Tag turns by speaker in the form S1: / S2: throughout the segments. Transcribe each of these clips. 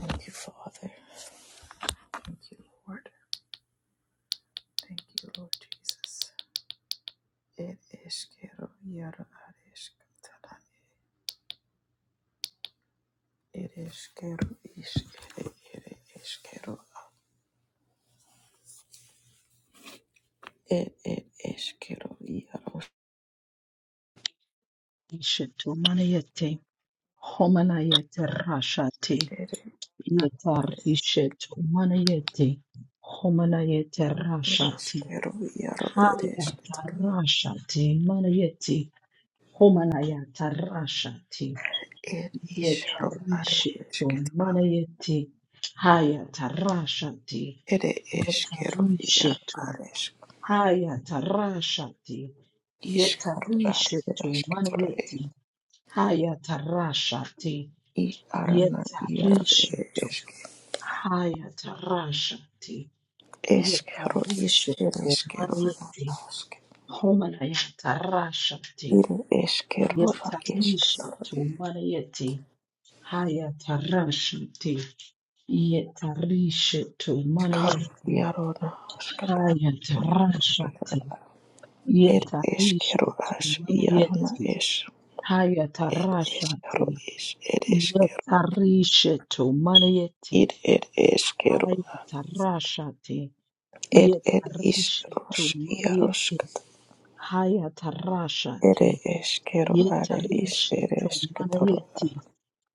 S1: Thank you, Father. Thank you, Lord. Thank you, Lord Jesus. It is kero yaro arish katana. It is kero ish ere ere is kero. It it is kero yaro
S2: Ishetu manayete, homanayete rashate,
S1: ere are.
S2: yetar ishetu manayete, homanayete
S1: It is
S2: rashate,
S1: kero yaro ere is
S2: hayata
S1: katana.
S2: rashate, manayete, homanayata rashate,
S1: It is
S2: yetar
S1: kero are is
S2: ishetu
S1: katana.
S2: manayete, hayata rashate,
S1: It is
S2: yetar
S1: kero yaro
S2: ishetu,
S1: are is
S2: hayata rashate,
S1: is
S2: yetar
S1: kero are ere
S2: ishetu
S1: is katana.
S2: manayete, hayata rashate,
S1: I arana yaro ere
S2: yetarishetu
S1: is.
S2: hayatarashati
S1: Eskero iskero
S2: yetarishetu
S1: eskero
S2: manayeti
S1: aske
S2: homanayatarashati
S1: iru eskero a esketaro
S2: yetarishetu manayeti hayatarashati yetarishetu
S1: eskaro
S2: manayeti
S1: iarona asketaro ere
S2: hayatarashati
S1: esketaro ere eskero
S2: yetarishetu
S1: as iarona
S2: manayeti
S1: es ed
S2: hayatarashati
S1: eskero is ed eskero
S2: yetarishetu manayeti
S1: id ed eskero
S2: hayatarashati
S1: ed ed is
S2: Yetarisha to
S1: ros
S2: Marieti
S1: iarosket ere
S2: Hayatarashati
S1: eskero are is
S2: Yetarisha
S1: ere
S2: to
S1: esketaro
S2: Marieti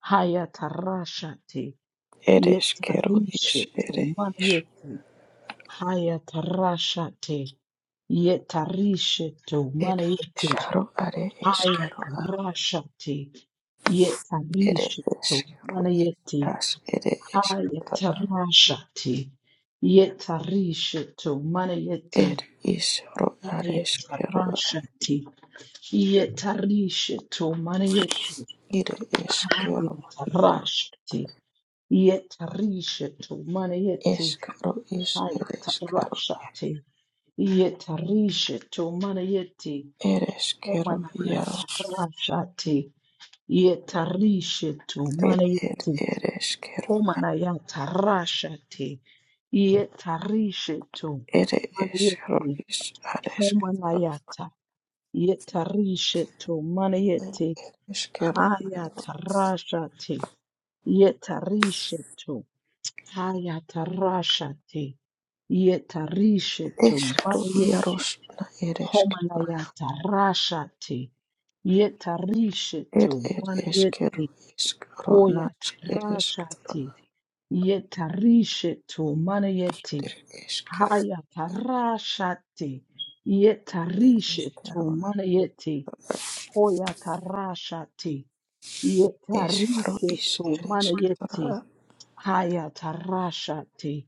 S2: Hayatarashati
S1: ere eskero is
S2: Yetarisha to
S1: ere is
S2: Marieti Hayatarashati Yetarisha to
S1: ed
S2: Marieti
S1: eskero are eskero
S2: Hayatarashati
S1: It
S2: Yetarisha
S1: is
S2: to
S1: hero
S2: Marieti
S1: as it is hero.
S2: Hayatarashati Yetarisha to Marieti
S1: It is hero at is hero.
S2: Hayatarashati, yetarishetu manayeti,
S1: It is hero hero.
S2: hayatarashati, yetarishetu manayeti,
S1: Is hero is it is hero.
S2: hayatarashati, yetarishetu manayeti,
S1: It is hero hero.
S2: homanayatarashati, yetarishetu
S1: It it
S2: manayeti,
S1: it is hero.
S2: homanayatarashati, yetarishetu
S1: It is hero
S2: manayeti,
S1: is at is hero.
S2: Yetarishetu
S1: It
S2: manayeti
S1: it is hero.
S2: hayatarashati. Yetarishetu hayatarashati. Yetarishetu
S1: Is hero
S2: manayeti
S1: heroes na it is hero.
S2: homanayatarashati. Yetarishetu
S1: It it is hero
S2: manayeti
S1: is hero na it is hero.
S2: hoyatarashati. Yetarishetu manayeti
S1: It is hero.
S2: hayatarashati.
S1: It is
S2: Yetarishetu
S1: Hero.
S2: manayeti hoyatarashati.
S1: Eskro
S2: Yetarishe
S1: is
S2: to mane yeti
S1: eresketara
S2: haya tarasha te.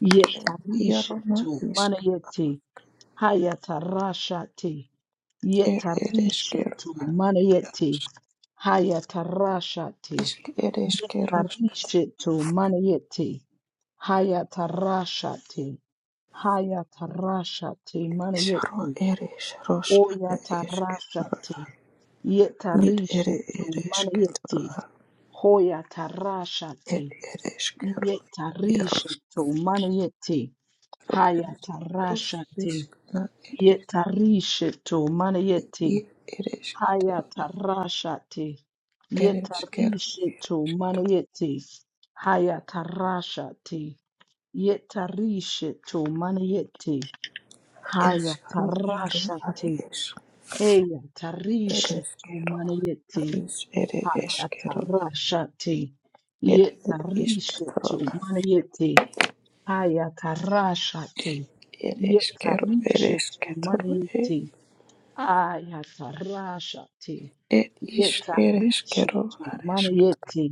S2: Yetarishe
S1: iarona
S2: to mane
S1: isk
S2: yeti haya tarasha te.
S1: er
S2: Yetarishe
S1: ereskero
S2: to mane yeti haya tarasha te.
S1: isk ereskeros
S2: Yetarishe to mane yeti haya tarasha te. Haya tarasha te mane
S1: isro
S2: yeti.
S1: eres ros
S2: Oya
S1: are
S2: tarasha
S1: esketara
S2: te.
S1: nit ere
S2: Yetarishe to mane yeti.
S1: eresketara
S2: Hoya tarasha
S1: er
S2: te, ye
S1: ereskero
S2: tarisha
S1: iaros
S2: to mana yete, haya
S1: ros
S2: tarasha te,
S1: isk na
S2: ye
S1: eres
S2: tarisha to mana
S1: i
S2: yete, haya
S1: eresketara
S2: tarasha te, ye
S1: ereskero
S2: tarisha to mana yete, haya tarasha te, ye tarisha to mana yete, haya
S1: eskro iaro
S2: tarasha
S1: are
S2: te,
S1: es
S2: heya tarisha to
S1: ereskero
S2: mana yete.
S1: is ere eskero
S2: Hayatarashati.
S1: Ed ed iskatoro
S2: Yetarishetu maniyeti. Hayatarashati.
S1: ed eskero ed
S2: Yetarishetu
S1: esketoro ed
S2: maniyeti. Ayatarashati.
S1: ed is ed eskero
S2: Yetarishetu
S1: ad esketoro
S2: maniyeti.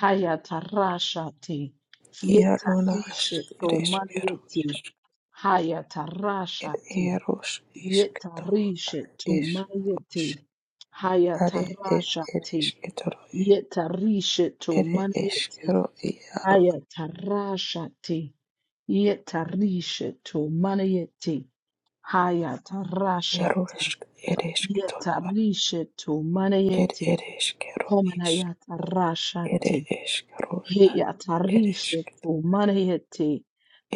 S2: Hayatarashati.
S1: iarona as
S2: Yetarishetu
S1: ed eskero
S2: maniyeti. Hayatarashati.
S1: eros isketoro
S2: Yetarishetu
S1: is
S2: maniyeti.
S1: are ed ed
S2: Hayatarashati.
S1: esketoro
S2: Yetarisheto
S1: ed
S2: maniete.
S1: eskero iaro
S2: Hayatarashate. Yetarisheto maniete. Hayatarashate.
S1: iaros ed esketoro
S2: Yetarisheto
S1: ed
S2: maniete.
S1: ed eskero is ed
S2: Komenayatarashate.
S1: eskero ad ed
S2: Heyatarisheto
S1: esketoro
S2: maniete.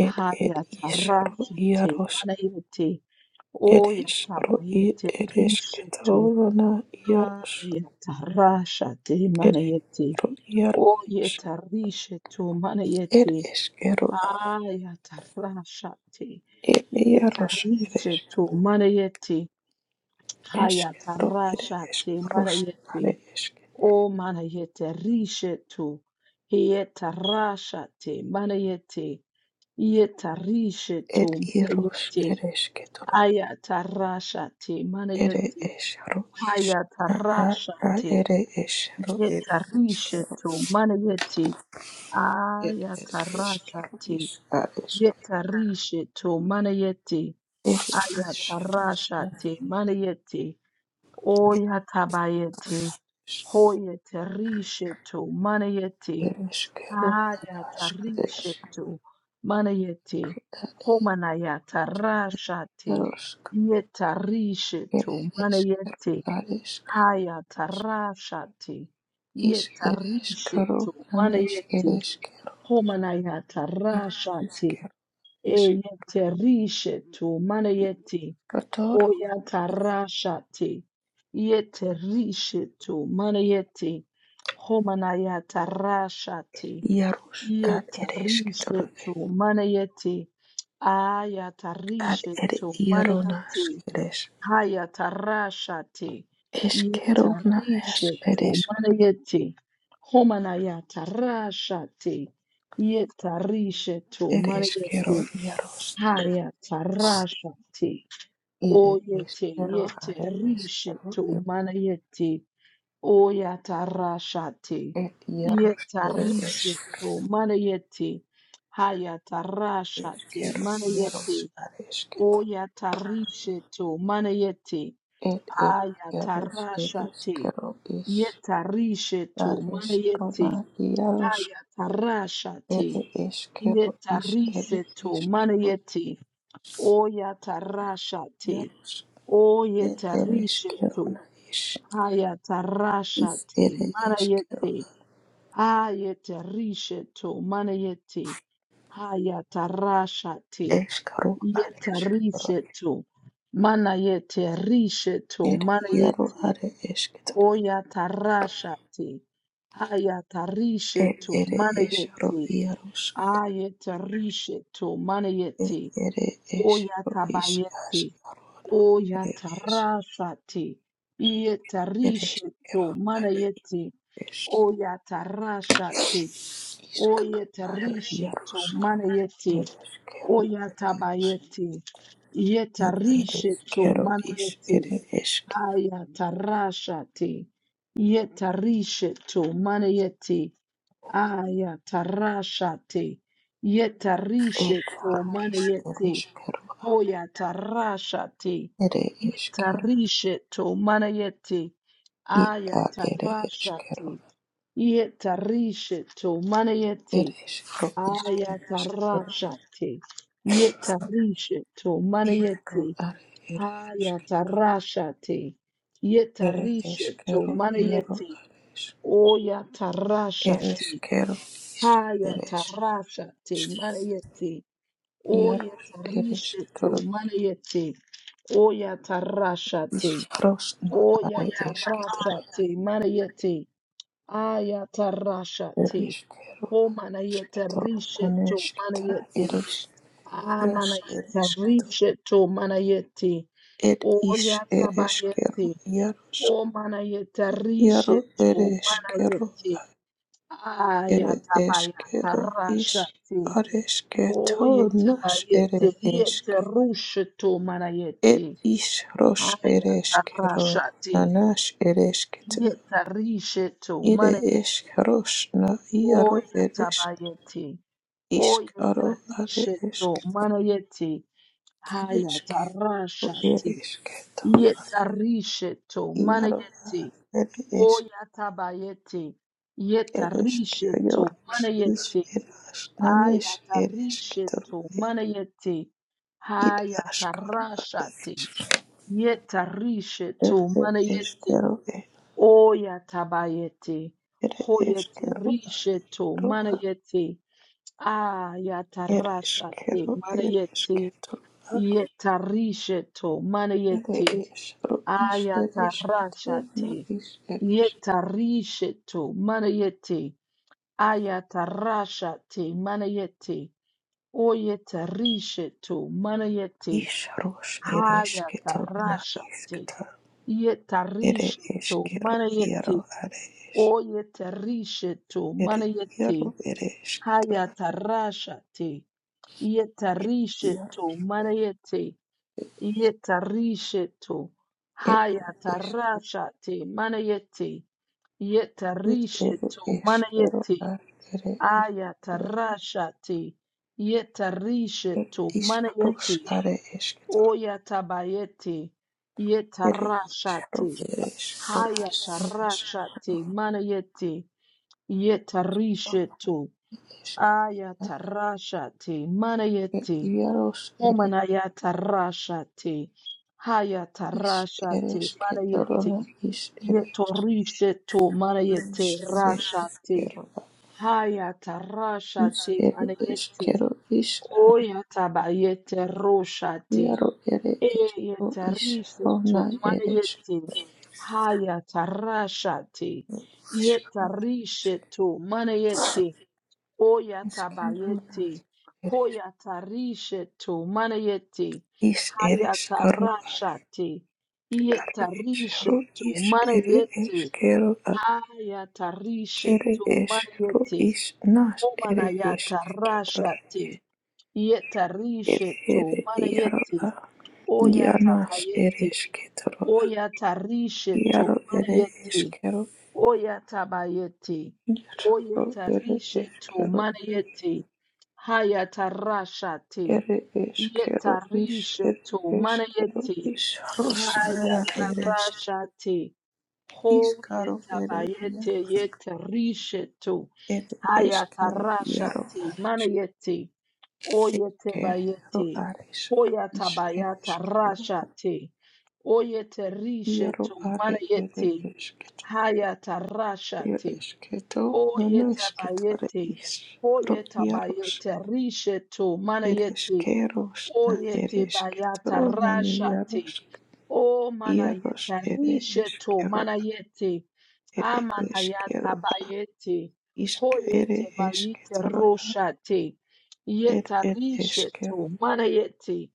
S1: ed ed
S2: Hayatarashate
S1: isaro
S2: maniete.
S1: Eres ro i
S2: Oyatabayete
S1: eres
S2: risheto.
S1: ketorona iaros.
S2: Hayatarashate
S1: Ere
S2: maniete.
S1: ro
S2: O
S1: iaros.
S2: yetarishe tu mana
S1: Er
S2: yete.
S1: eskero a.
S2: Haya tarasha te.
S1: Er iaros
S2: Yetarishe
S1: eres.
S2: tu mana yete. Haya
S1: Eskero ere
S2: tarasha te mana
S1: eskros are
S2: yete.
S1: eske.
S2: O mana yete rishe tu. Yetarasha te mana yete. Yetarishe tu
S1: Er
S2: mana
S1: iros
S2: yete.
S1: eres ketoro.
S2: Haya tarasha te mana
S1: Ere
S2: yete.
S1: es ro is.
S2: Haya
S1: Na a
S2: tarasha
S1: a
S2: te.
S1: ere es ro er
S2: Yetarishe
S1: eskero.
S2: tu mana yete.
S1: Er er eskero
S2: Ayatarashate,
S1: is are eske.
S2: yetarishe to manayete,
S1: Er es ro are
S2: ayatarashate, manayete, oyatabayete,
S1: eres.
S2: hoyetarishe to manayete,
S1: Er eskero are
S2: ayatarishe
S1: eske.
S2: to manayete, homanayatarashate,
S1: Yarosk,
S2: yetarishe to
S1: Ereshkigal,
S2: manayete,
S1: Areshkigal,
S2: ayatarashate,
S1: Ish
S2: yetarishe
S1: Ereshkigal,
S2: to
S1: Anish
S2: manayete,
S1: Ereshkigal,
S2: Homanayata rashati
S1: Ereshkigal,
S2: eyete rishetu manayeti
S1: Ereshkigal,
S2: oyata rashati yete rishetu manayeti homanayata rashati
S1: Yarosh, Ad
S2: yete
S1: Ereshkigal,
S2: rishetu manayeti ayata
S1: Ad Ere
S2: rishetu manayeti
S1: Yaronask, Eresh,
S2: Haya tarashate
S1: Eshkigal, Naash,
S2: yetarisheto
S1: Eresh,
S2: manayete homanaya tarashate yetarisheto manayete
S1: Ereshkigal, Yarosh,
S2: haya tarashate oyete
S1: Ereshkigal, Areshkigal,
S2: yetarisheto manayete oya tarashate
S1: Ed Yarosh, Eresh,
S2: yetarisheto manayete haya tarashate
S1: Ereshkigal,
S2: manayete
S1: Yarosh, Areshkigal.
S2: oya tarisheto manayete
S1: Ed ed Yarosh Eresh
S2: Ayatarashate.
S1: Kero Ish
S2: Yetarisheto.
S1: Yaresh
S2: Manayete.
S1: Roma Yarosh
S2: Ayatarashate.
S1: Ere Ish Kero Ish Ere
S2: Yetarisheto.
S1: Ish Kero
S2: Manayete. Oyatarashate.
S1: Yarosh Ed Eresh Kero
S2: Oyetarisheto.
S1: Na Ish Is
S2: Ayatarashate.
S1: Ere Ish Kero
S2: Manayete. Ayetarisheto. Manayete. Ayatarashate.
S1: Ish Kero Aresh Kero
S2: Yetarisheto. Manayete. Risheto.
S1: Ed Yaro
S2: Manayete.
S1: Are Ish Kero
S2: Oyatarashate,
S1: Ed
S2: hayatarishetu
S1: Ere Ish Ro
S2: manayete,
S1: Yarosh
S2: ayetarishetu
S1: Ed
S2: manayete,
S1: Ere Ish Ro Ish
S2: oyatabayete,
S1: Ash Arona Are Ish
S2: oyatarashate,
S1: Ere Ish
S2: yetarishetu
S1: Kero Are
S2: manayete,
S1: Ish
S2: oyatarashate,
S1: Iskaro are
S2: oyetarishetu
S1: iaroskaro
S2: manayete,
S1: ere eskero
S2: oyatabayete,
S1: ere ere
S2: yetarishetu
S1: eskero is
S2: manayete,
S1: ere esk
S2: Haya tarashati yetarishetu manayeti. Aya tarasha te tarashati yetarishetu
S1: ekaro is ere
S2: manayeti.
S1: eskero a
S2: Hoya tarasha te
S1: ere eskero
S2: tarashati yetarishetu manayeti.
S1: i
S2: Aya
S1: a ere
S2: tarasha te tarashati
S1: eskero
S2: yetarishetu manayeti.
S1: ere eskero is ere
S2: Aya
S1: eskero
S2: tarasha te tarashati yetarishetu
S1: iaro
S2: manayeti.
S1: are ere
S2: Haya
S1: eskero
S2: tarashati.
S1: ere
S2: Yetarishetu
S1: eskero iaro
S2: manayeti.
S1: are esk
S2: Oya
S1: ere
S2: tarashati.
S1: eskero is
S2: Haya
S1: ere eskero
S2: tarashati manayeti.
S1: iaro
S2: Oya
S1: ere
S2: tarishetu
S1: eskero
S2: manayeti. Oya tarashati.
S1: iskaro na
S2: Oya
S1: are eskero
S2: tarashati manayeti. Aya
S1: ere
S2: tarashati.
S1: eskero
S2: O manayeta
S1: Ishkato,
S2: rishetu
S1: Naneshkita,
S2: manayeti.
S1: Eresh, Yarosh,
S2: Amanayeta
S1: Ereshkato,
S2: rishetu manayeti.
S1: Ed
S2: Oya
S1: Ish, Ereshkero,
S2: tabayeti.
S1: Yarosh,
S2: O mana yeta
S1: Yaro,
S2: rishetu, mana
S1: Ereshkero,
S2: yeti,
S1: Ere
S2: ayatabaya,
S1: Eshkero, Ish,
S2: tarashati, o
S1: Areshketo, Nash,
S2: yetabayete,
S1: Ere
S2: yete
S1: Eshke,
S2: rushetu, mana
S1: Ed
S2: yeti,
S1: Ish, Rosh, Ereshkero,
S2: ayatarashati,
S1: Nanash, Ereshketa,
S2: yeta rishetu,
S1: Ire
S2: mana
S1: Esh,
S2: yeti,
S1: Rosh, Na,
S2: o
S1: Yaro, Eresh,
S2: yatabayeti, o yeta
S1: Ishkaro, Are
S2: rishetu,
S1: Eshke,
S2: mana yeti,
S1: Ereshke,
S2: ayatarashati,
S1: Ereshketo.
S2: yeta rishetu, mana
S1: Iaro
S2: yeti,
S1: ere esk
S2: Oyatabayete,
S1: ereske
S2: Yetarishe to
S1: jorus is
S2: manayete,
S1: eras nanes eresketoru
S2: ayatarisheto,
S1: e
S2: manayete,
S1: id askaru are
S2: hayatarashate,
S1: esk
S2: yetarisheto,
S1: ere
S2: manayete,
S1: eskero e
S2: oyatabayete,
S1: ere eskero
S2: hoyetarisheto,
S1: aru a
S2: manayete, ayatarashate,
S1: ereskero
S2: manayete,
S1: eresketoru a
S2: yetarisheto,
S1: ere
S2: manayete,
S1: esru is eresketoru na
S2: Ayatarashate.
S1: is eres
S2: Yetarisheto. Manayete. Ayatarashate. Manayete. Oyetarisheto. Manayete.
S1: isrus eresketoru na
S2: Hayatarashate.
S1: isketoru ere
S2: Yetarisheto.
S1: eskero
S2: Manayete.
S1: iaro are esk
S2: Oyetarisheto.
S1: ere iaro
S2: Manayete.
S1: ere esketoru
S2: Hayatarashate.
S1: Ia
S2: Yetarisheto. Manayete. Yetarishetu.
S1: ere eskid
S2: Hayatarashate. Manayeti.
S1: ere
S2: Yetarishetu.
S1: eskero
S2: Manayeti.
S1: ar ere eskitoro
S2: Ayatarashate.
S1: er
S2: Yetarishetu.
S1: isros
S2: Manayeti.
S1: are eskitoro
S2: Oyatabayeti.
S1: ere isro
S2: Yetarashate.
S1: ere isro is
S2: Hayatarashate. Manayeti. Yetarishetu.
S1: ere isro eskitoro
S2: Ayatarashate.
S1: er
S2: Manayeti.
S1: iaros ere
S2: Omanayata rashate. Hayata
S1: is ere
S2: rashate.
S1: eskitoro
S2: Manayete.
S1: na is ere
S2: Yetorishe to Mana yete
S1: is ere
S2: rasha manayete rashate.
S1: eskero ar
S2: Hayata
S1: is
S2: rashate
S1: ere
S2: manayete.
S1: eskero is ar
S2: Oyata bayete roshate.
S1: iaro ere esk, ro
S2: Eyete
S1: is isro
S2: rishe
S1: na
S2: to Mana
S1: ere
S2: yete. haya Hayata rashate.
S1: eskro
S2: Yetarishe to manayete.
S1: eskero na
S2: Oyatabayete,
S1: ere
S2: hoyatarisheto, manayete,
S1: Is eres caro
S2: hayatarashate,
S1: atare es ro
S2: yetarisheto,
S1: is ere
S2: manayete,
S1: es caro a ere
S2: hayatarisheto,
S1: es ro
S2: manayete,
S1: is nas ere es caro
S2: homanayatarashate,
S1: ere
S2: yetarisheto,
S1: ere iaro
S2: manayete,
S1: a ianas
S2: oyatabayete,
S1: eres caro a
S2: oyatarisheto,
S1: iaro ere
S2: manayete,
S1: es caro
S2: Oyatabayeti.
S1: iaro ere
S2: Oyetarishe
S1: es
S2: to
S1: caro
S2: manayeti. Hayatarashati.
S1: ere es caro is
S2: Yetarishe
S1: ere
S2: to
S1: es caro
S2: manayeti.
S1: is ros nara eres
S2: Hayatarashati.
S1: is caro ere iaro
S2: Hoyetabayete yetarishe to.
S1: ere es caro iaro
S2: Hayatarashati manayeti.
S1: Esker ro
S2: Oyetabayeti.
S1: are isk isker
S2: Hoyatabayata
S1: esketoro
S2: rashati. Oyetarishe
S1: iaro
S2: to
S1: are ere
S2: manayeti.
S1: esket ere
S2: Hayatarashati.
S1: esketo nono esketare
S2: Oyetabayete.
S1: iskro iaros
S2: Oyetabayete. Risheto.
S1: ere
S2: Manayete.
S1: eskeros na
S2: Oyete
S1: ere
S2: bayata
S1: esketo nani iaros
S2: rashate. O
S1: iaros
S2: manayeta
S1: ere
S2: risheto.
S1: eskero
S2: Manayete.
S1: ere
S2: Amanayata
S1: eskero
S2: bayete.
S1: isk ere
S2: Hoyete bayete
S1: esketoro
S2: roshate.
S1: ere
S2: Yeta
S1: ere
S2: risheto.
S1: eskero
S2: Manayete.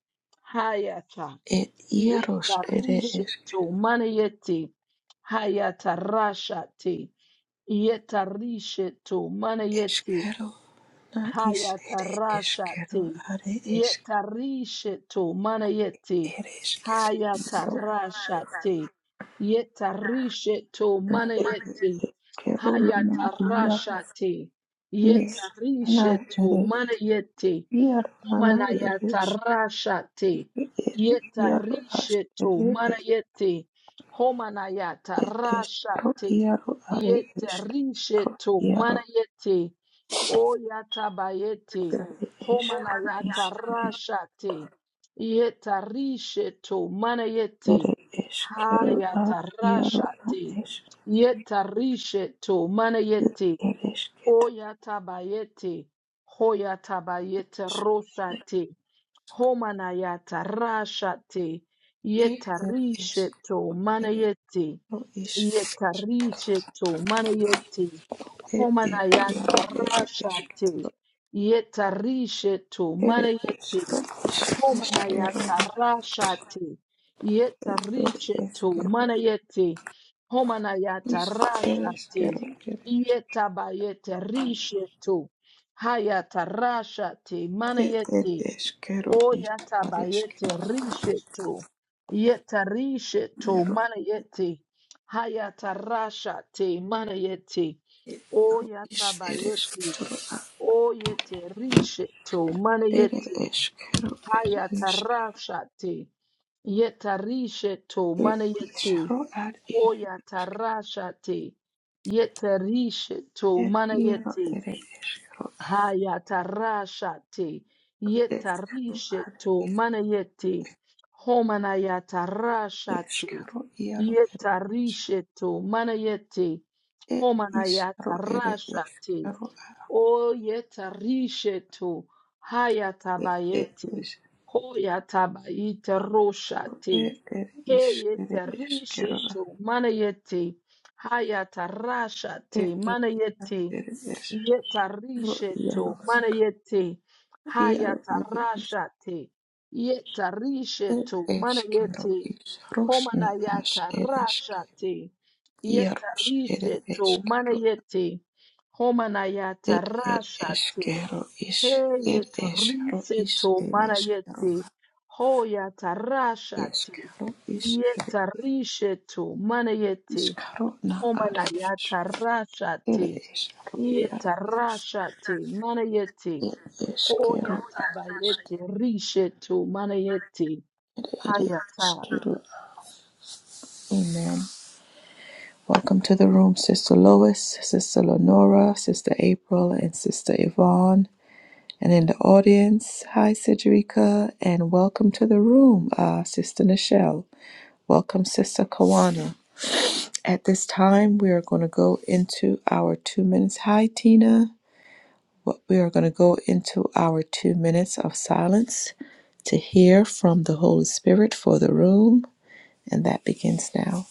S2: Hayata.
S1: ere iaros
S2: Yeta
S1: ere eskero
S2: risheto. Manayete. Hayata rashate. Yetarishetu manayeti
S1: Eskero na is ere eskero
S2: hayatarashate.
S1: are
S2: Yetarishetu manayeti
S1: eres quiero
S2: hayatarashate. Yetarishetu manayeti
S1: eres quiero nana ya
S2: hayatarashate.
S1: nes nana
S2: Yetarishetu
S1: eres
S2: manayeti
S1: quiero nana
S2: Mana
S1: eres
S2: yatarashate.
S1: eres quiero as
S2: Yetarisheto.
S1: eres
S2: Mana yete. Homana
S1: es es ro
S2: yatarashate.
S1: quiero are es ro
S2: Yetarisheto. Mana
S1: quiero
S2: yete. O yatabayete.
S1: eres es
S2: Homana
S1: eres
S2: yatarashate. Yetarisheto. Mana yete.
S1: eres quiero a quiero a
S2: Hayatarashate.
S1: es
S2: Yetarisheto. Mana yete.
S1: eres que tú
S2: O yatabayete. Hoyatabayete rosate. Homanayata rashate
S1: eres
S2: yetarisheto
S1: eres
S2: manayeti
S1: ro es
S2: yetarisheto manayeti
S1: eres
S2: homanayata
S1: quiero eres
S2: rashate yetarisheto
S1: It is
S2: manayeti
S1: Esquero,
S2: homanayata rashate
S1: it is
S2: yetarisheto
S1: Esquero,
S2: manayeti homanayata
S1: is it
S2: rashate
S1: Esquero, it is
S2: yetabayete risheto hayata rashate
S1: it it
S2: manayeti
S1: is Esquero,
S2: O
S1: is it
S2: yataba yete risheto. Yeta risheto mana yete. Hayata rasha te mana yete. O
S1: Esquero, is
S2: yataba
S1: it
S2: yete.
S1: Esquero,
S2: O yete risheto mana
S1: it is
S2: yete.
S1: Esquero, it is
S2: Hayata rasha te. Yeta risheto
S1: it
S2: mana
S1: is
S2: yete.
S1: Esquero, it is
S2: O yata rasha te. Yeta risheto
S1: it Esquero, it is Esquero,
S2: mana
S1: Esquero, is Esquero, Esquero, it is
S2: yete. Hayatarashate, yetarisheto, manayete, homanayatarashate, yetarisheto, manayete,
S1: Esquero,
S2: homanayatarashate, o yetarisheto,
S1: it is
S2: hayatabayete,
S1: Esquero,
S2: hoyatabayiteroshate,
S1: Ere ere ish ere eskerra
S2: heyetarisheto, manayete, hayatarashate,
S1: ere ar
S2: manayete,
S1: ere eskerro
S2: Yetarisheto
S1: iaros
S2: manayete
S1: iaro Iaro ere ish
S2: hayatarashate.
S1: ere
S2: Yetarisheto
S1: eskerro
S2: manayete
S1: ish rosna ash ere eske
S2: homanayatarashate.
S1: iaros ere
S2: Yetariseto
S1: eskerro
S2: manayete
S1: ere ere
S2: homanayatarashate.
S1: eskero, ish ere eskerro ish
S2: Heyetariseto
S1: ere eskerro
S2: manayete hoyatarashate.
S1: eskero, ish ere
S2: Yetarisheto manayete
S1: eskerro na are ish
S2: homanayatarashate.
S1: ere eskerro iaro
S2: Yetarashate, manayete,
S1: ere eskerro
S2: hoyatabayete, rishetu, manayete,
S1: ere
S2: hayata.
S1: eskerro Amen. Welcome to the room, Sister Lois, Sister Lenora, Sister April, and Sister Yvonne. And in the audience, hi, Sidrika, and welcome to the room, uh, Sister Nichelle. Welcome, Sister Kawana. At this time, we are going to go into our two minutes. Hi, Tina. What- We are going to go into our two minutes of silence to hear from the Holy Spirit for the room, and that begins now.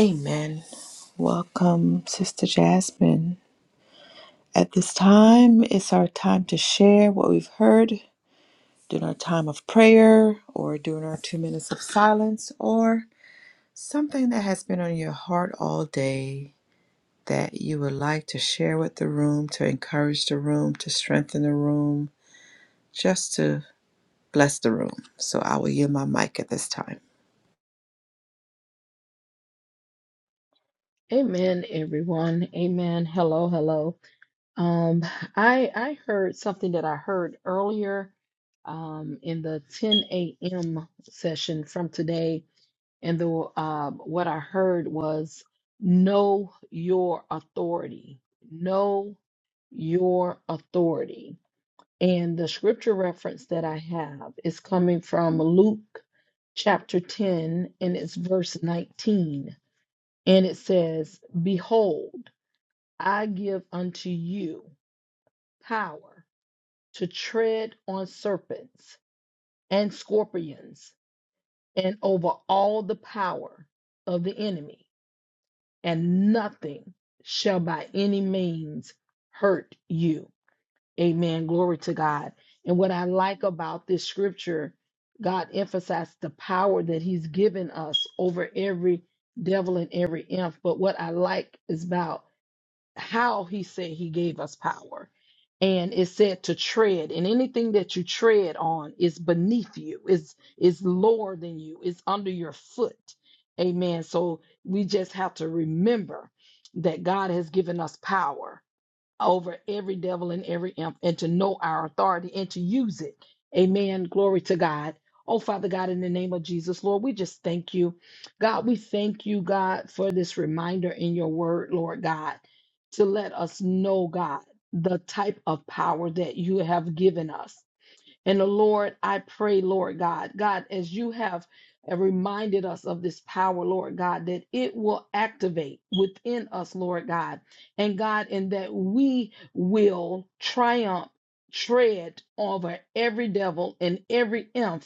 S1: Amen. Welcome, Sister Jasmine. At this time, it's our time to share what we've heard during our time of prayer or during our two minutes of silence or something that has been on your heart all day that you would like to share with the room, to encourage the room, to strengthen the room, just to bless the room. So I will yield my mic at this time.
S2: Amen, everyone. Amen. Hello, hello. Um, I I heard something that I heard earlier um in the 10 a.m. session from today, and the uh, what I heard was know your authority. Know your authority. And the scripture reference that I have is coming from Luke chapter 10, and it's verse 19. And it says, Behold, I give unto you power to tread on serpents and scorpions and over all the power of the enemy, and nothing shall by any means hurt you. Amen. Glory to God. And what I like about this scripture, God emphasized the power that He's given us over every devil and every imp. But what I like is about how He said He gave us power. And it said to tread, and anything that you tread on is beneath you, is is lower than you, is under your foot. Amen. So we just have to remember that God has given us power over every devil and every imp and to know our authority and to use it. Amen. Glory to God. Oh, Father God, in the name of Jesus, Lord, we just thank you. God, we thank you, God, for this reminder in your word, Lord God, to let us know, God, the type of power that you have given us. And the Lord, I pray, Lord God, God, as you have uh, reminded us of this power, Lord God, that it will activate within us, Lord God, and God, and that we will triumph, tread over every devil and every imp,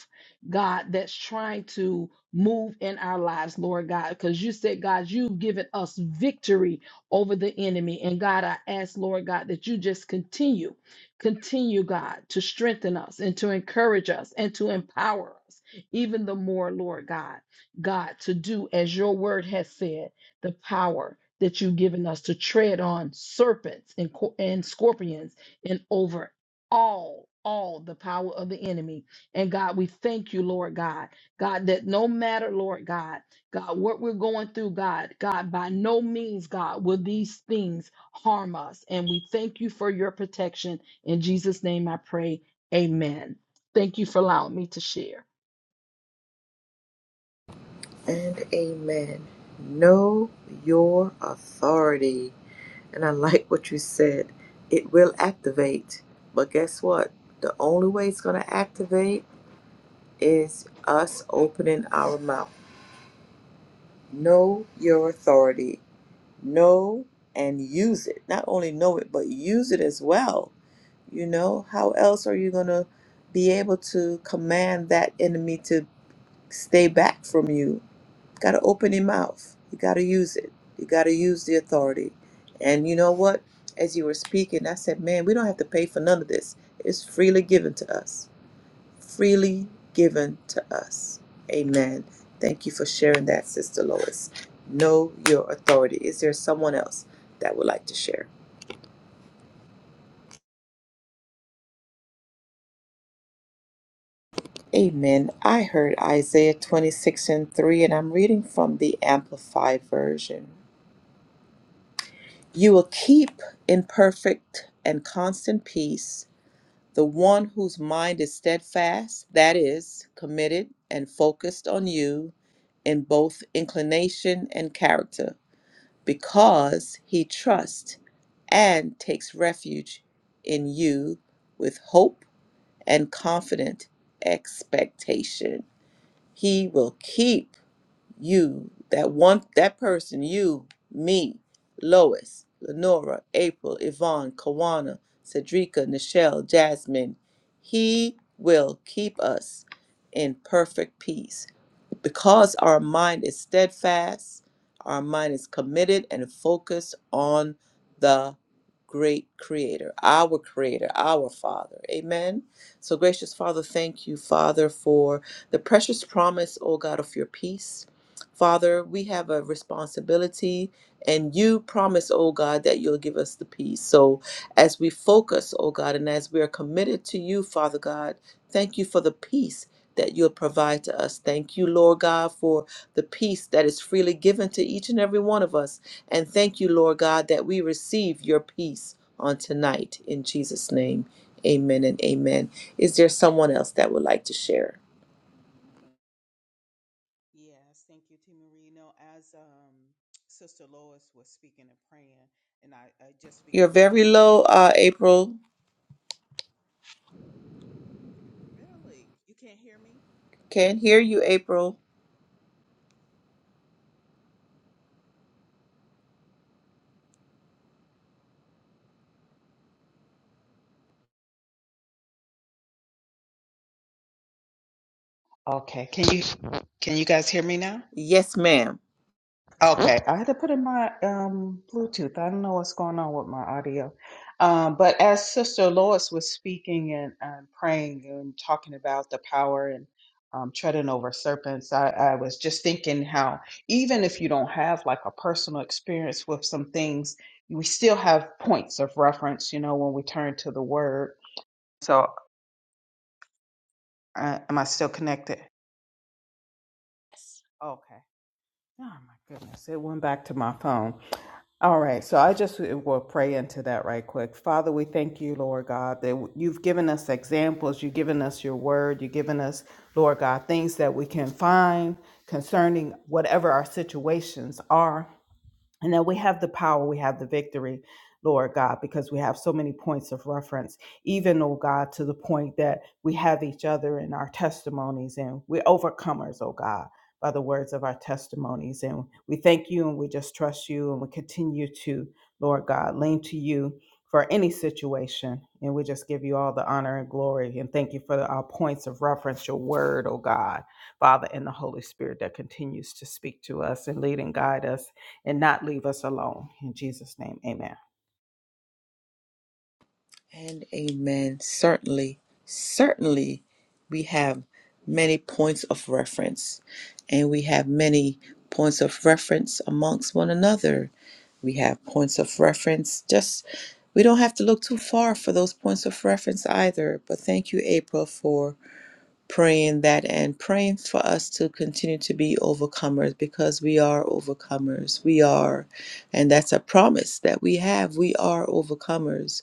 S2: God, that's trying to move in our lives, Lord God, because you said, God, you've given us victory over the enemy. And God, I ask, Lord God, that you just continue. Continue, God, to strengthen us and to encourage us and to empower us even the more, Lord God. God, to do as your word has said, the power that you've given us to tread on serpents and, co- and scorpions and over all, all the power of the enemy. And God, we thank you, Lord God. God, that no matter, Lord God, God, what we're going through, God, God, by no means, God, will these things harm us. And we thank you for your protection in Jesus' name I pray. Amen. Thank you for allowing me to share.
S1: And amen. Know your authority. And I like what you said. It will activate. But guess what? The only way it's going to activate is us opening our mouth. Know your authority. Know and use it. Not only know it, but use it as well. You know, how else are you going to be able to command that enemy to stay back from you Got to open your mouth. You got to use it. You got to use the authority. And you know what? As you were speaking, I said, man, we don't have to pay for none of this. It's freely given to us. Freely given to us. Amen. Thank you for sharing that, Sister Lois. Know your authority. Is there someone else that would like to share?
S3: As
S1: Amen.
S3: um,
S1: I heard
S3: Lois
S1: Isaiah
S3: speak,
S1: 26 and 3, and I'm reading from the Amplified Version. You will keep in perfect and constant peace The one whose mind is steadfast, that is, committed and focused on you in both inclination and character, because he trusts and takes refuge in you with hope and confident expectation. He will keep you, that one, that person, you, me, Lois, Lenora, April, Yvonne, Kawana, Cedrica, Nichelle, Jasmine, he will keep us in perfect peace because our mind is steadfast, our mind is committed and focused on the great creator, our creator, our father. Amen. So, gracious Father, thank you, Father, for the precious promise, O God, of your peace. Father, we have a responsibility, and you promise, O God, that you'll give us the peace. So, as we focus, O God, and as we are committed to you, Father God, thank you for the peace that you'll provide to us. Thank you, Lord God, for the peace that is freely given to each and every one of us. And thank you, Lord God, that we receive your peace on tonight. In Jesus' name, amen and amen. Is there someone else that would like to share?
S3: yes, thank you, T. Marino. As um, Sister Lois was speaking and praying, and I, I just
S1: You're
S3: began to think
S1: very low,
S3: about
S1: uh,
S3: um,
S1: April.
S3: really, you can't hear me.
S1: Can't hear you, April.
S3: Okay, can you can you guys hear me now?
S1: Yes, ma'am.
S3: Okay, I had to put in my um, Bluetooth. I don't know what's going on with my audio. Um, but as Sister Lois was speaking and, and praying and talking about the power and um, treading over serpents, I, I was just thinking how even if you don't have like a personal experience with some things, we still have points of reference, you know, when we turn to the word. So, uh, am I still connected? Yes. Okay. Oh my goodness. It went back to my phone. All right. So I just will pray into that right quick. Father, we thank you, Lord God, that you've given us examples. You've given us your word. You've given us, Lord God, things that we can find concerning whatever our situations are and that we have the power, we have the victory, Lord God, because we have so many points of reference, even, oh God, to the point that we have each other in our testimonies and we're overcomers, oh God, by the words of our testimonies. And we thank you and we just trust you and we continue to, Lord God, lean to you for any situation. And we just give you all the honor and glory and thank you for our points of reference, your word, oh God, Father, and the Holy Spirit that continues to speak to us and lead and guide us and not leave us alone. In Jesus' name, amen.
S1: And amen. Certainly, certainly, we have many points of reference, and we have many points of reference amongst one another. We have points of reference. Just we don't have to look too far for those points of reference either. But thank you, April, for praying that and praying for us to continue to be overcomers because we are overcomers. We are, and that's a promise that we have. We are overcomers.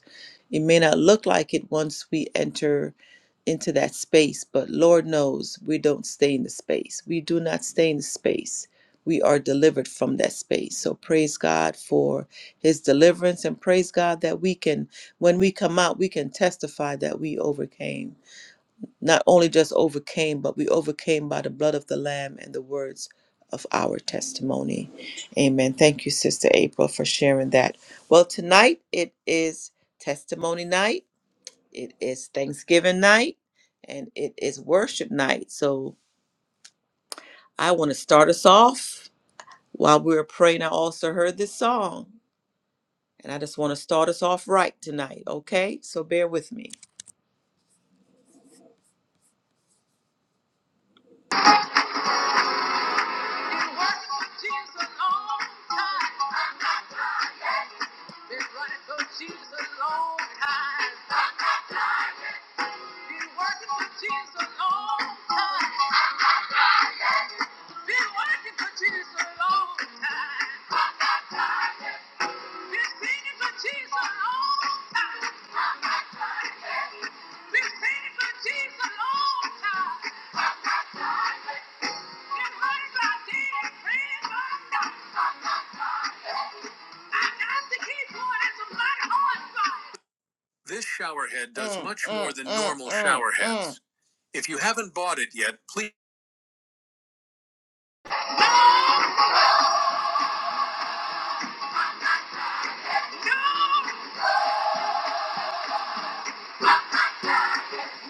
S1: It may not look like it once we enter into that space, but Lord knows we don't stay in the space. We do not stay in the space. We are delivered from that space. So praise God for his deliverance and praise God that we can, when we come out, we can testify that we overcame not only just overcame, but we overcame by the blood of the Lamb and the words of our testimony. Amen. Thank you, Sister April, for sharing that. Well, tonight it is testimony night, it is Thanksgiving night, and it is worship night. So I want to start us off. While we were praying, I also heard this song. And I just want to start us off right tonight, okay? So bear with me. Been singing for Jesus a long time. This showerhead does Mm, much mm, more than mm, normal mm, shower mm. If you haven't bought it yet, please. No!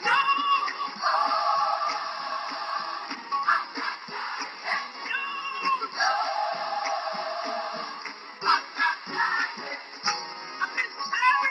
S1: No! No! No! I've been praying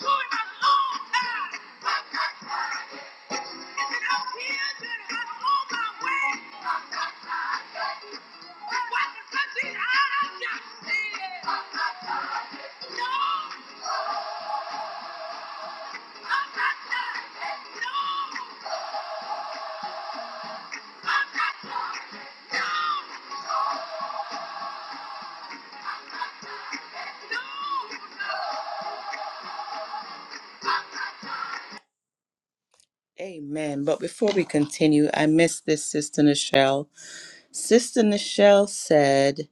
S1: to him a long time. Amen. But before we continue, I miss this, Sister Nichelle. Sister Nichelle said,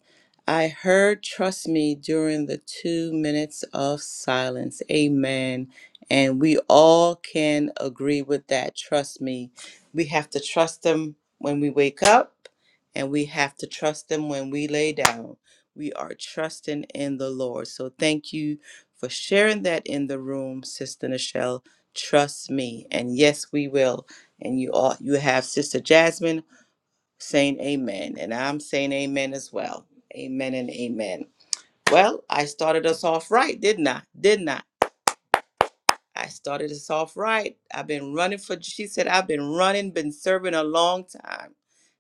S1: I heard, trust me, during the two minutes of silence. Amen. And we all can agree with that. Trust me. We have to trust them when we wake up, and we have to trust them when we lay down. We are trusting in the Lord. So thank you for sharing that in the room, Sister Nichelle. Trust me. And yes, we will. And you all you have Sister Jasmine saying amen. And I'm saying amen as well. Amen and amen. Well, I started us off right, didn't I? Didn't I? I started us off right. I've been running for, she said, I've been running, been serving a long time,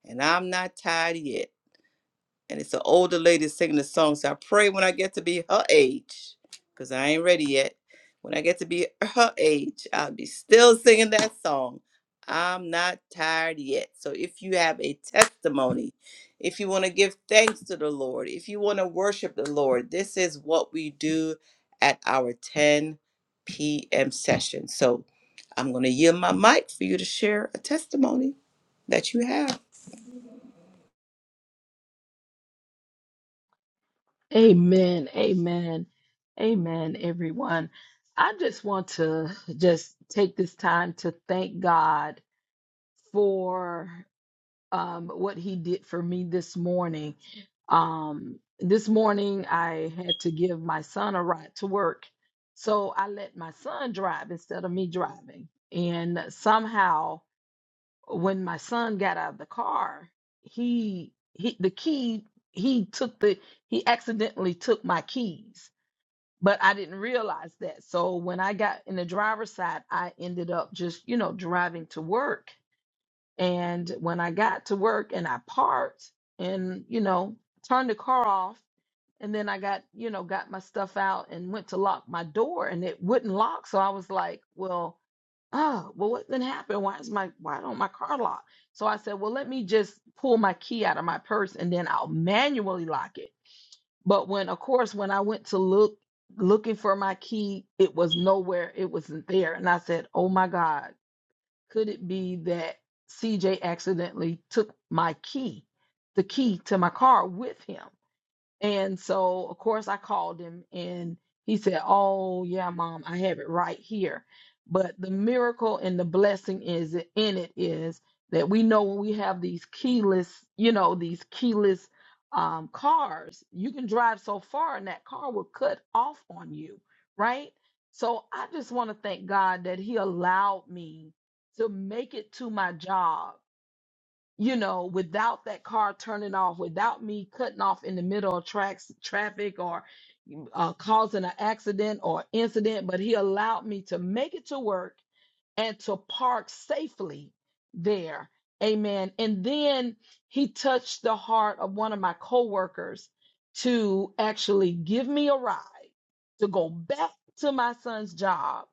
S1: and I'm not tired yet and it's an older lady singing the song. So I pray when I get to be her age, because I ain't ready yet. When I get to be her age, I'll be still singing that song. I'm not tired yet. So if you have a testimony, if you want to give thanks to the Lord, if you want to worship the Lord, this is what we do at our 10 p.m. session. So I'm going to yield my mic for you to share a testimony that you have.
S2: Amen. Amen. Amen, everyone. I just want to just take this time to thank God for um, what He did for me this morning. Um, this morning, I had to give my son a ride to work. So I let my son drive instead of me driving. And somehow, when my son got out of the car, he he the key he took the he accidentally took my keys, but I didn't realize that. So when I got in the driver's side, I ended up just you know driving to work. And when I got to work and I parked and you know turned the car off, and then I got you know got my stuff out and went to lock my door and it wouldn't lock. So I was like, well oh well what then happened why is my why don't my car lock so i said well let me just pull my key out of my purse and then i'll manually lock it but when of course when i went to look looking for my key it was nowhere it wasn't there and i said oh my god could it be that cj accidentally took my key the key to my car with him and so, of course, I called him and he said, Oh, yeah, mom, I have it right here. But the miracle and the blessing is in it is that we know when we have these keyless, you know, these keyless um, cars, you can drive so far and that car will cut off on you, right? So I just want to thank God that He allowed me to make it to my job you know, without that car turning off, without me cutting off in the middle of tracks, traffic or uh, causing an accident or incident, but he allowed me to make it to work and to park safely there. Amen. And then he touched the heart of one of my coworkers to actually give me a ride to go back to my son's job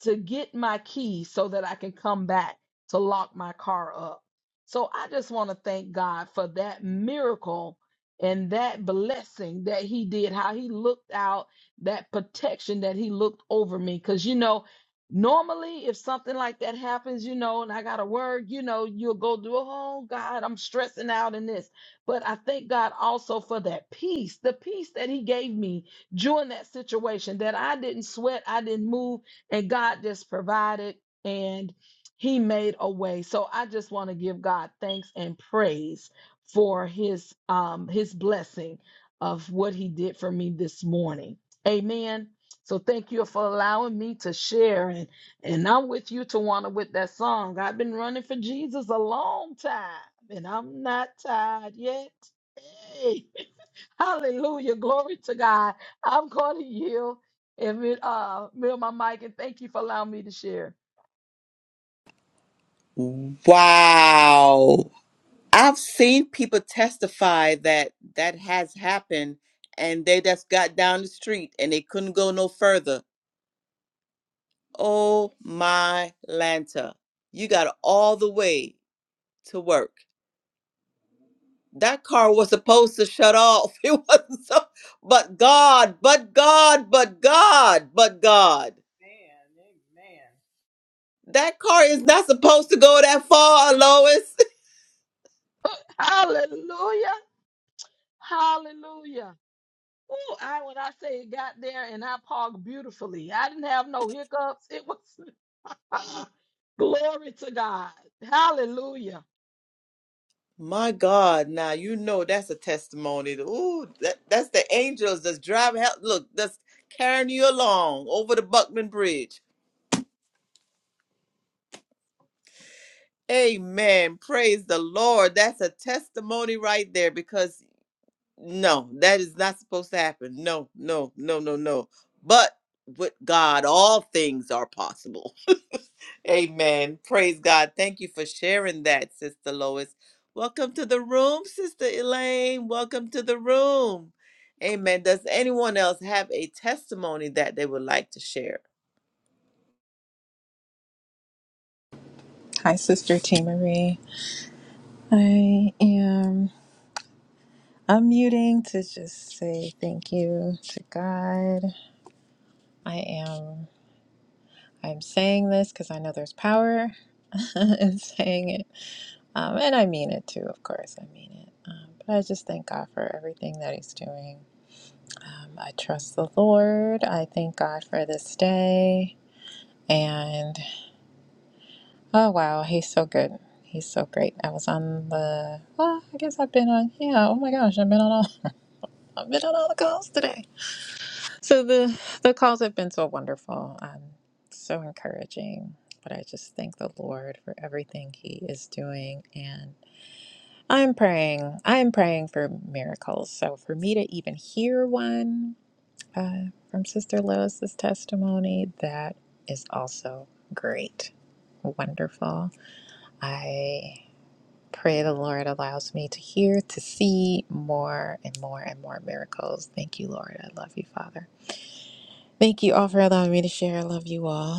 S2: to get my key so that I can come back to lock my car up. So I just want to thank God for that miracle and that blessing that he did, how he looked out, that protection that he looked over me. Because, you know, Normally, if something like that happens, you know, and I got a word, you know, you'll go do, oh God, I'm stressing out in this. But I thank God also for that peace, the peace that He gave me during that situation that I didn't sweat, I didn't move, and God just provided and He made a way. So I just want to give God thanks and praise for His um His blessing of what He did for me this morning. Amen. So thank you for allowing me to share. And, and I'm with you, Tawana, with that song. I've been running for Jesus a long time, and I'm not tired yet. Hey, hallelujah. Glory to God. I'm going to yield and mute, uh, mute my mic, and thank you for allowing me to share.
S1: Wow. I've seen people testify that that has happened and they just got down the street and they couldn't go no further. Oh my Lanta, you got all the way to work. That car was supposed to shut off. It wasn't so, but God, but God, but God, but God. That car is not supposed to go that far, Lois.
S2: Hallelujah. Hallelujah. Oh, I when I say it got there and I parked beautifully. I didn't have no hiccups. It was glory to God. Hallelujah.
S1: My God, now you know that's a testimony. Ooh, that, that's the angels that's driving help. Look, that's carrying you along over the Buckman Bridge. Amen. Praise the Lord. That's a testimony right there because no, that is not supposed to happen. No, no, no, no, no. But with God, all things are possible. Amen. Praise God. Thank you for sharing that, Sister Lois. Welcome to the room, Sister Elaine. Welcome to the room. Amen. Does anyone else have a testimony that they would like to share?
S4: Hi, Sister T. Marie. I am unmuting to just say thank you to God. I am. I'm saying this because I know there's power in saying it, um, and I mean it too. Of course, I mean it. Um, but I just thank God for everything that He's doing. Um, I trust the Lord. I thank God for this day. And oh wow, He's so good. He's so great. I was on the. Well, I guess I've been on. Yeah. Oh my gosh, I've been on all. I've been on all the calls today. So the the calls have been so wonderful, um, so encouraging. But I just thank the Lord for everything He is doing, and I'm praying. I'm praying for miracles. So for me to even hear one uh, from Sister Lois's testimony, that is also great, wonderful. I pray the Lord allows me to hear, to see more and more and more miracles. Thank you, Lord. I love you, Father. Thank you all for allowing me to share. I love you all.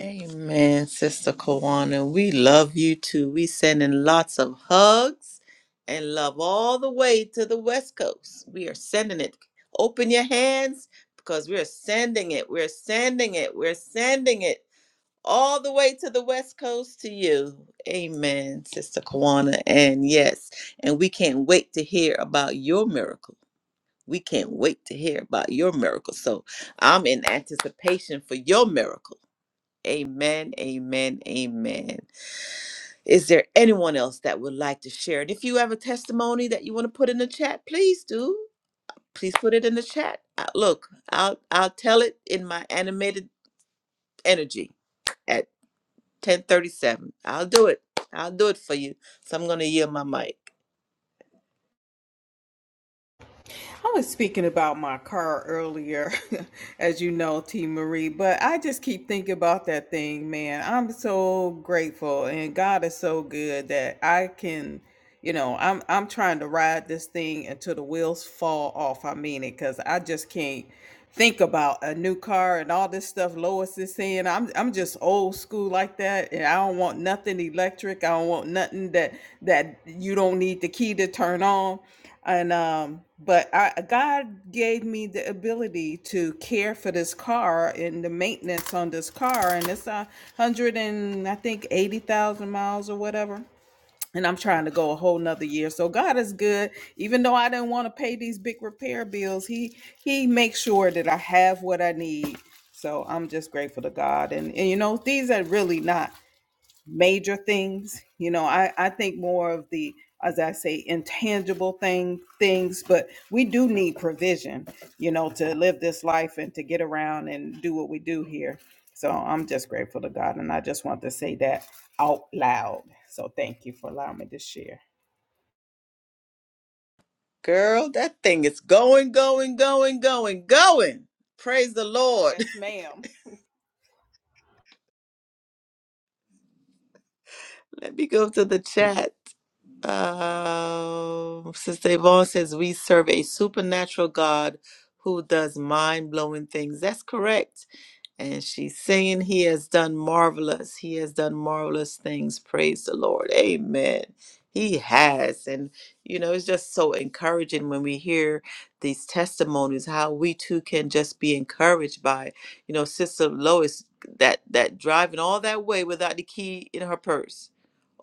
S1: Amen, Sister Kawana. We love you too. We sending lots of hugs and love all the way to the West Coast. We are sending it. Open your hands because we're sending it. We're sending it. We're sending it all the way to the West Coast to you. Amen, Sister Kawana. And yes, and we can't wait to hear about your miracle. We can't wait to hear about your miracle. So I'm in anticipation for your miracle Amen, amen, amen. Is there anyone else that would like to share it? If you have a testimony that you want to put in the chat, please do. Please put it in the chat. Uh, Look, I'll I'll tell it in my animated energy at 10:37. I'll do it. I'll do it for you. So I'm going to yield my mic.
S3: I was speaking about my car earlier, as you know, T. Marie, but I just keep thinking about that thing, man. I'm so grateful, and God is so good that I can, you know, I'm I'm trying to ride this thing until the wheels fall off. I mean it, cause I just can't think about a new car and all this stuff Lois is saying. I'm I'm just old school like that, and I don't want nothing electric. I don't want nothing that that you don't need the key to turn on and um but i god gave me the ability to care for this car and the maintenance on this car and it's a hundred and i think eighty thousand miles or whatever and i'm trying to go a whole nother year so god is good even though i didn't want to pay these big repair bills he he makes sure that i have what i need so i'm just grateful to god and, and you know these are really not major things. You know, I, I think more of the, as I say, intangible thing things, but we do need provision, you know, to live this life and to get around and do what we do here. So I'm just grateful to God. And I just want to say that out loud. So thank you for allowing me to share.
S1: Girl, that thing is going, going, going, going, going. Praise the Lord.
S3: Yes, ma'am.
S1: Let me go to the chat. Uh, Sister Yvonne says we serve a supernatural God who does mind blowing things. That's correct. And she's saying he has done marvelous. He has done marvelous things. Praise the Lord. Amen. He has. And, you know, it's just so encouraging when we hear these testimonies, how we too can just be encouraged by, you know, Sister Lois that that driving all that way without the key in her purse.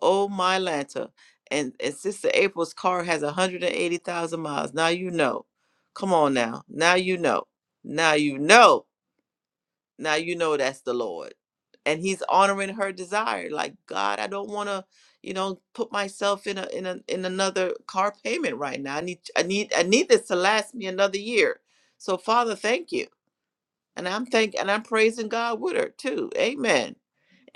S1: Oh my Lanta and and Sister April's car has 180,000 miles. Now you know. Come on now. Now you know. Now you know. Now you know that's the Lord. And he's honoring her desire. Like, God, I don't want to, you know, put myself in a in a in another car payment right now. I need I need I need this to last me another year. So Father, thank you. And I'm thank and I'm praising God with her too. Amen.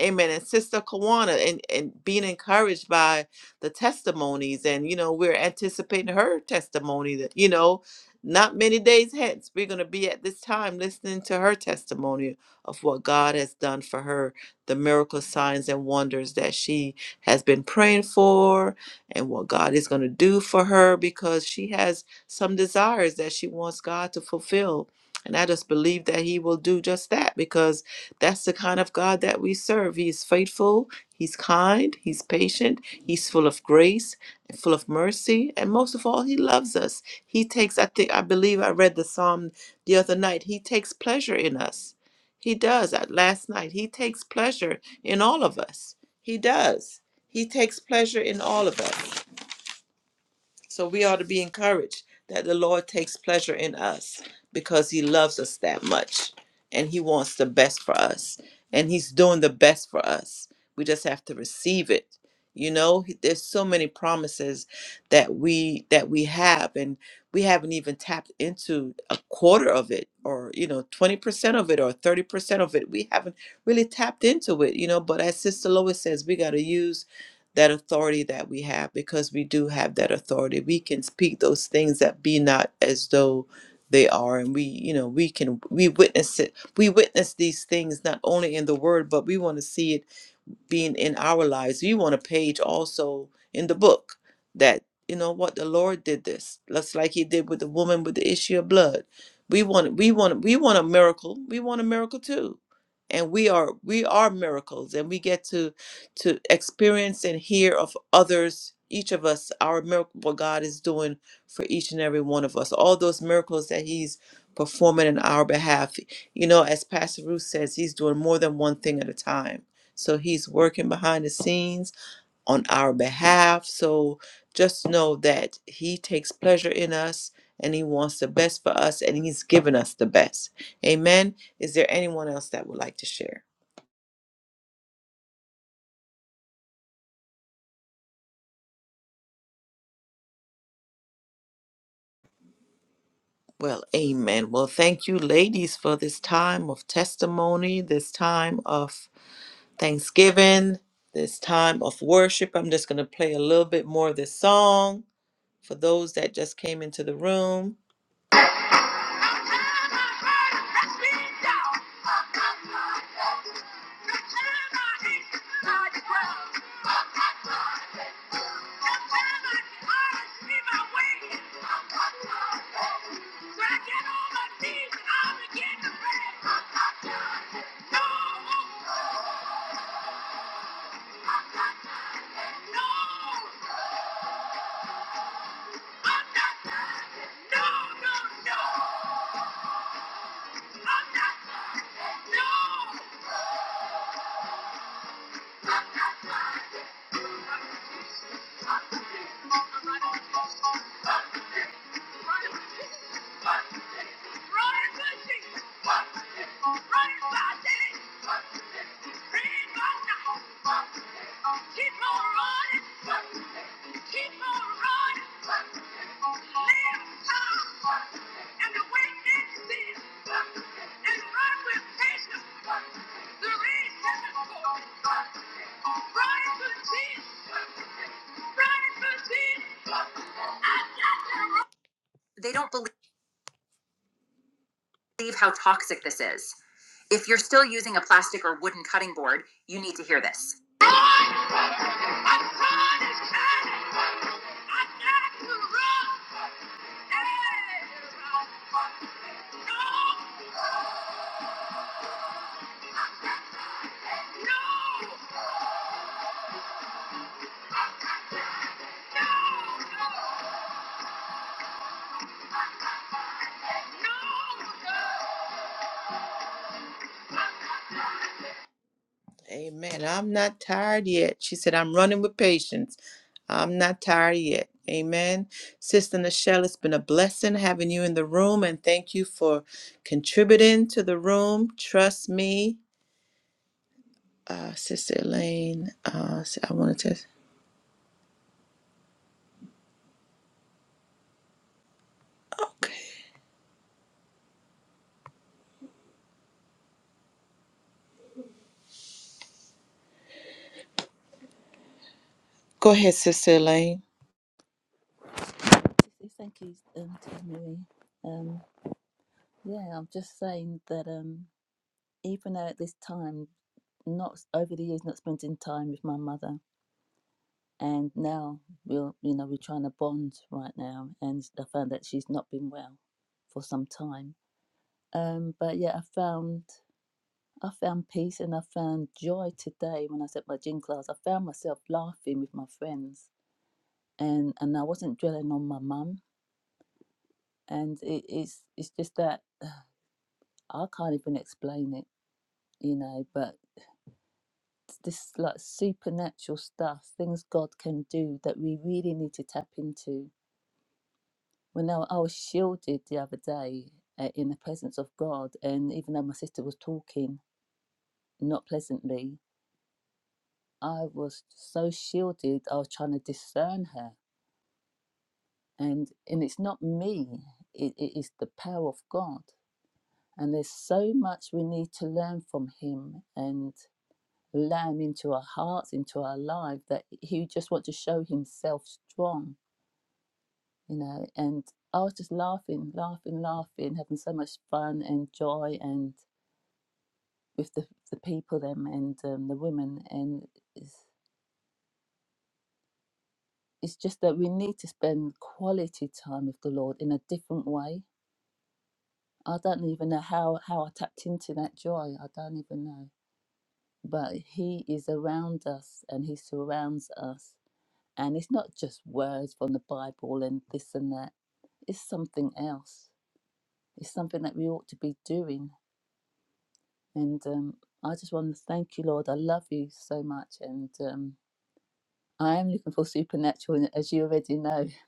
S1: Amen. And Sister Kawana and, and being encouraged by the testimonies. And, you know, we're anticipating her testimony that, you know, not many days hence, we're going to be at this time listening to her testimony of what God has done for her, the miracle signs and wonders that she has been praying for, and what God is going to do for her because she has some desires that she wants God to fulfill. And I just believe that He will do just that because that's the kind of God that we serve. He is faithful, He's kind, He's patient, He's full of grace, and full of mercy, and most of all, He loves us. He takes, I think, I believe I read the psalm the other night, He takes pleasure in us. He does. At last night, He takes pleasure in all of us. He does. He takes pleasure in all of us. So we ought to be encouraged that the Lord takes pleasure in us because he loves us that much and he wants the best for us and he's doing the best for us. We just have to receive it. You know, He- there's so many promises that we that we have and we haven't even tapped into a quarter of it or you know 20% of it or 30% of it. We haven't really tapped into it, you know, but as Sister Lois says, we got to use that authority that we have because we do have that authority. We can speak those things that be not as though they are and we you know we can we witness it we witness these things not only in the word but we want to see it being in our lives. We want a page also in the book that, you know what, the Lord did this. Just like he did with the woman with the issue of blood. We want we want we want a miracle. We want a miracle too. And we are we are miracles and we get to to experience and hear of others, each of us, our miracle what God is doing for each and every one of us. All those miracles that He's performing in our behalf. You know, as Pastor Ruth says, He's doing more than one thing at a time so he's working behind the scenes on our behalf. So just know that he takes pleasure in us and he wants the best for us and he's given us the best. Amen. Is there anyone else that would like to share? Well, amen. Well, thank you, ladies, for this time of testimony, this time of thanksgiving, this time of worship. I'm just going to play a little bit more of this song for those that just came into the room. No! No, no, no! No! Keep on running. Keep on running. Live high and awake in sin. And run with patience. The race heaven for. Run to Jesus. They don't believe how toxic this is. If you're still using a plastic or wooden cutting board, you need to hear this. Amen. I'm not tired yet. She said, I'm running with patience. I'm not tired yet. Amen. Sister Nichelle, it's been a blessing having you in the room and thank you for contributing to the room. Trust me. Uh, Sister Elaine, uh, I wanted to. Okay. Go ahead, Sister Elaine.
S5: Yes, Thank you, um, Tia Marie. Um, yeah, I'm just saying that um, even though at this time, not over the years, not spending time with my mother, and now we're you know we're trying to bond right now, and I found that she's not been well for some time. Um, but yeah, I found I found peace and I found joy today when I was at my gym class. I found myself laughing with my friends, and and I wasn't dwelling on my mum, and it, it's it's just that I can't even explain it, you know, but this like supernatural stuff, things God can do that we really need to tap into. When I, I was shielded the other day uh, in the presence of God, and even though my sister was talking not pleasantly, I was so shielded, I was trying to discern her. And, and it's not me, it, it is the power of God. And there's so much we need to learn from Him. and. let him into our hearts, into our life, that he just wants to show himself strong, you know. And I was just laughing, laughing, laughing, having so much fun and joy and with the, the people them and um, the women. And it's, it's just that we need to spend quality time with the Lord in a different way. I don't even know how, how I tapped into that joy. I don't even know. but He is around us and He surrounds us. And it's not just words from the Bible and this and that, it's something else. It's something that we ought to be doing. And um, I just want to thank you, Lord. I love you so much. And um, I am looking for supernatural, and as you already know.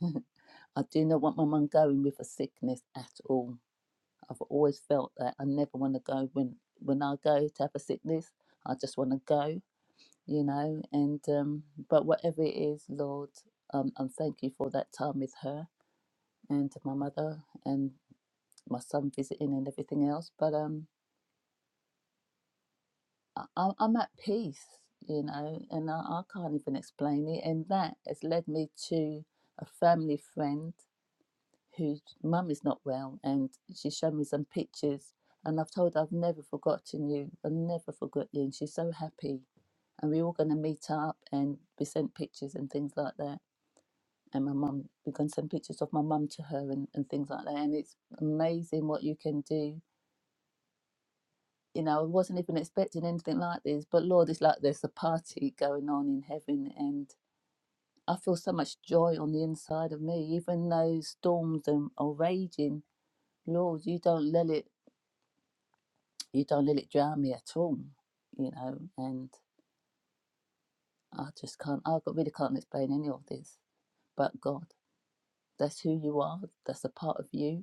S5: I do not want my mum going with a sickness at all. I've always felt that I never want to go when when I go to have a sickness. I just want to go. you know and um but whatever it is lord um I'm thank you for that time with her and my mother and my son visiting and everything else but um I, I- i'm at peace you know and I, I can't even explain it and that has led me to a family friend whose mum is not well and she showed me some pictures and i've told her i've never forgotten you i've never forgot you and she's so happy and we were going to meet up and we sent pictures and things like that and my mum we can send pictures of my mum to her and, and things like that and it's amazing what you can do you know i wasn't even expecting anything like this but lord it's like there's a party going on in heaven and i feel so much joy on the inside of me even though storms and are raging lord you don't let it you don't let it drown me at all you know and i just can't i really can't explain any of this but god that's who you are that's a part of you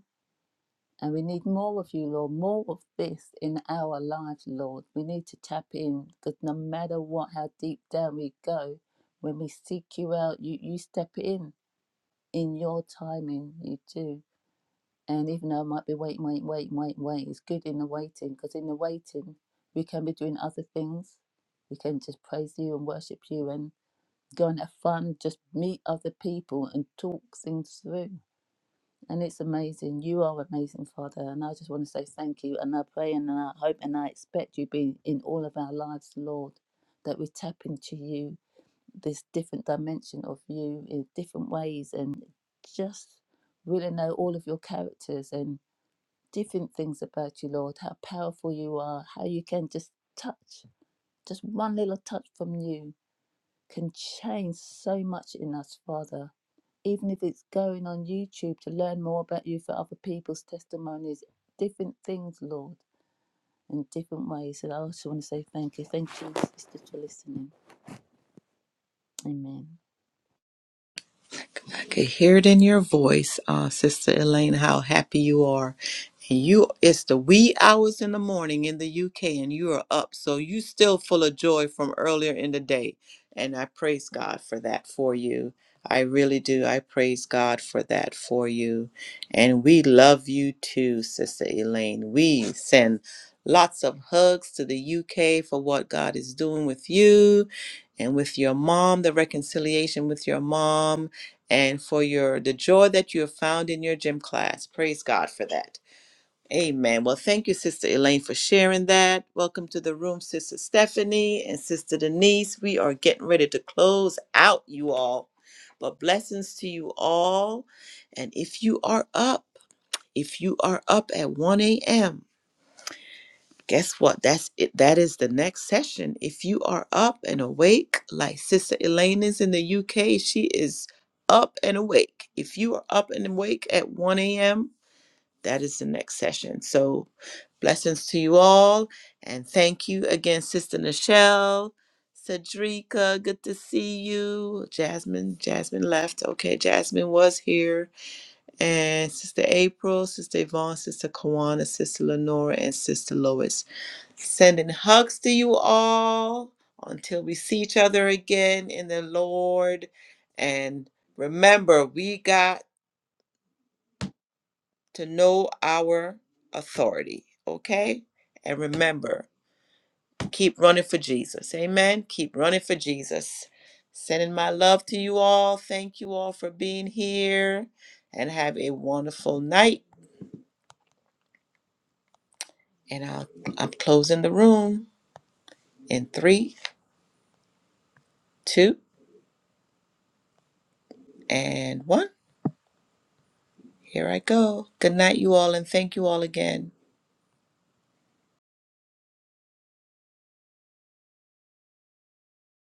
S5: And we need more of you, Lord, more of this in our lives, Lord. We need to tap in because no matter what, how deep down we go, when we seek you out, you, you step in in your timing, you do. And even though I might be waiting, waiting, waiting, waiting, waiting, it's good in the waiting because in the waiting, we can be doing other things. We can just praise you and worship you and go and have fun, just meet other people and talk things through and it's amazing. You are amazing, Father. And I just want to say thank you. And I pray and I hope and I expect you be in all of our lives, Lord, that we tap into you, this different dimension of you in different ways and just really know all of your characters and different things about you, Lord, how powerful you are, how you can just touch, just one little touch from you can change so much in us, Father. Even if it's going on YouTube to learn more about you for other people's testimonies, different things, Lord, in different ways. And I also want to say thank you. Thank you, sister, for listening. Amen.
S1: I could hear it in your voice, uh, Sister Elaine, how happy you are. And you, it's the wee hours in the morning in the UK, and you are up, so you still full of joy from earlier in the day. And I praise God for that for you. I really do. I praise God for that for you. And we love you too, Sister Elaine. We send lots of hugs to the UK for what God is doing with you and with your mom, the reconciliation with your mom and for your the joy that you have found in your gym class. Praise God for that. Amen. Well, thank you, Sister Elaine, for sharing that. Welcome to the room, Sister Stephanie and Sister Denise. We are getting ready to close out, you all. But blessings to you all. And if you are up, if you are up at 1 a.m., Guess what? That's it. That is the next session. If you are up and awake, like Sister Elaine is in the UK, she is up and awake. If you are up and awake at 1 a.m., that is the next session. So, blessings to you all. And thank you again, Sister Nichelle, Cedrica. Good to see you. Jasmine, Jasmine left. Okay, Jasmine was here. And Sister April, Sister Yvonne, Sister Kawana, Sister Lenora, and Sister Lois. Sending hugs to you all until we see each other again in the Lord. And remember, we got to know our authority, okay? And remember, keep running for Jesus. Amen. Keep running for Jesus. Sending my love to you all. Thank you all for being here and have a wonderful night. And I'll, I'm closing the room in three, two, and one. Here I go. Good night, you all, and thank you all again.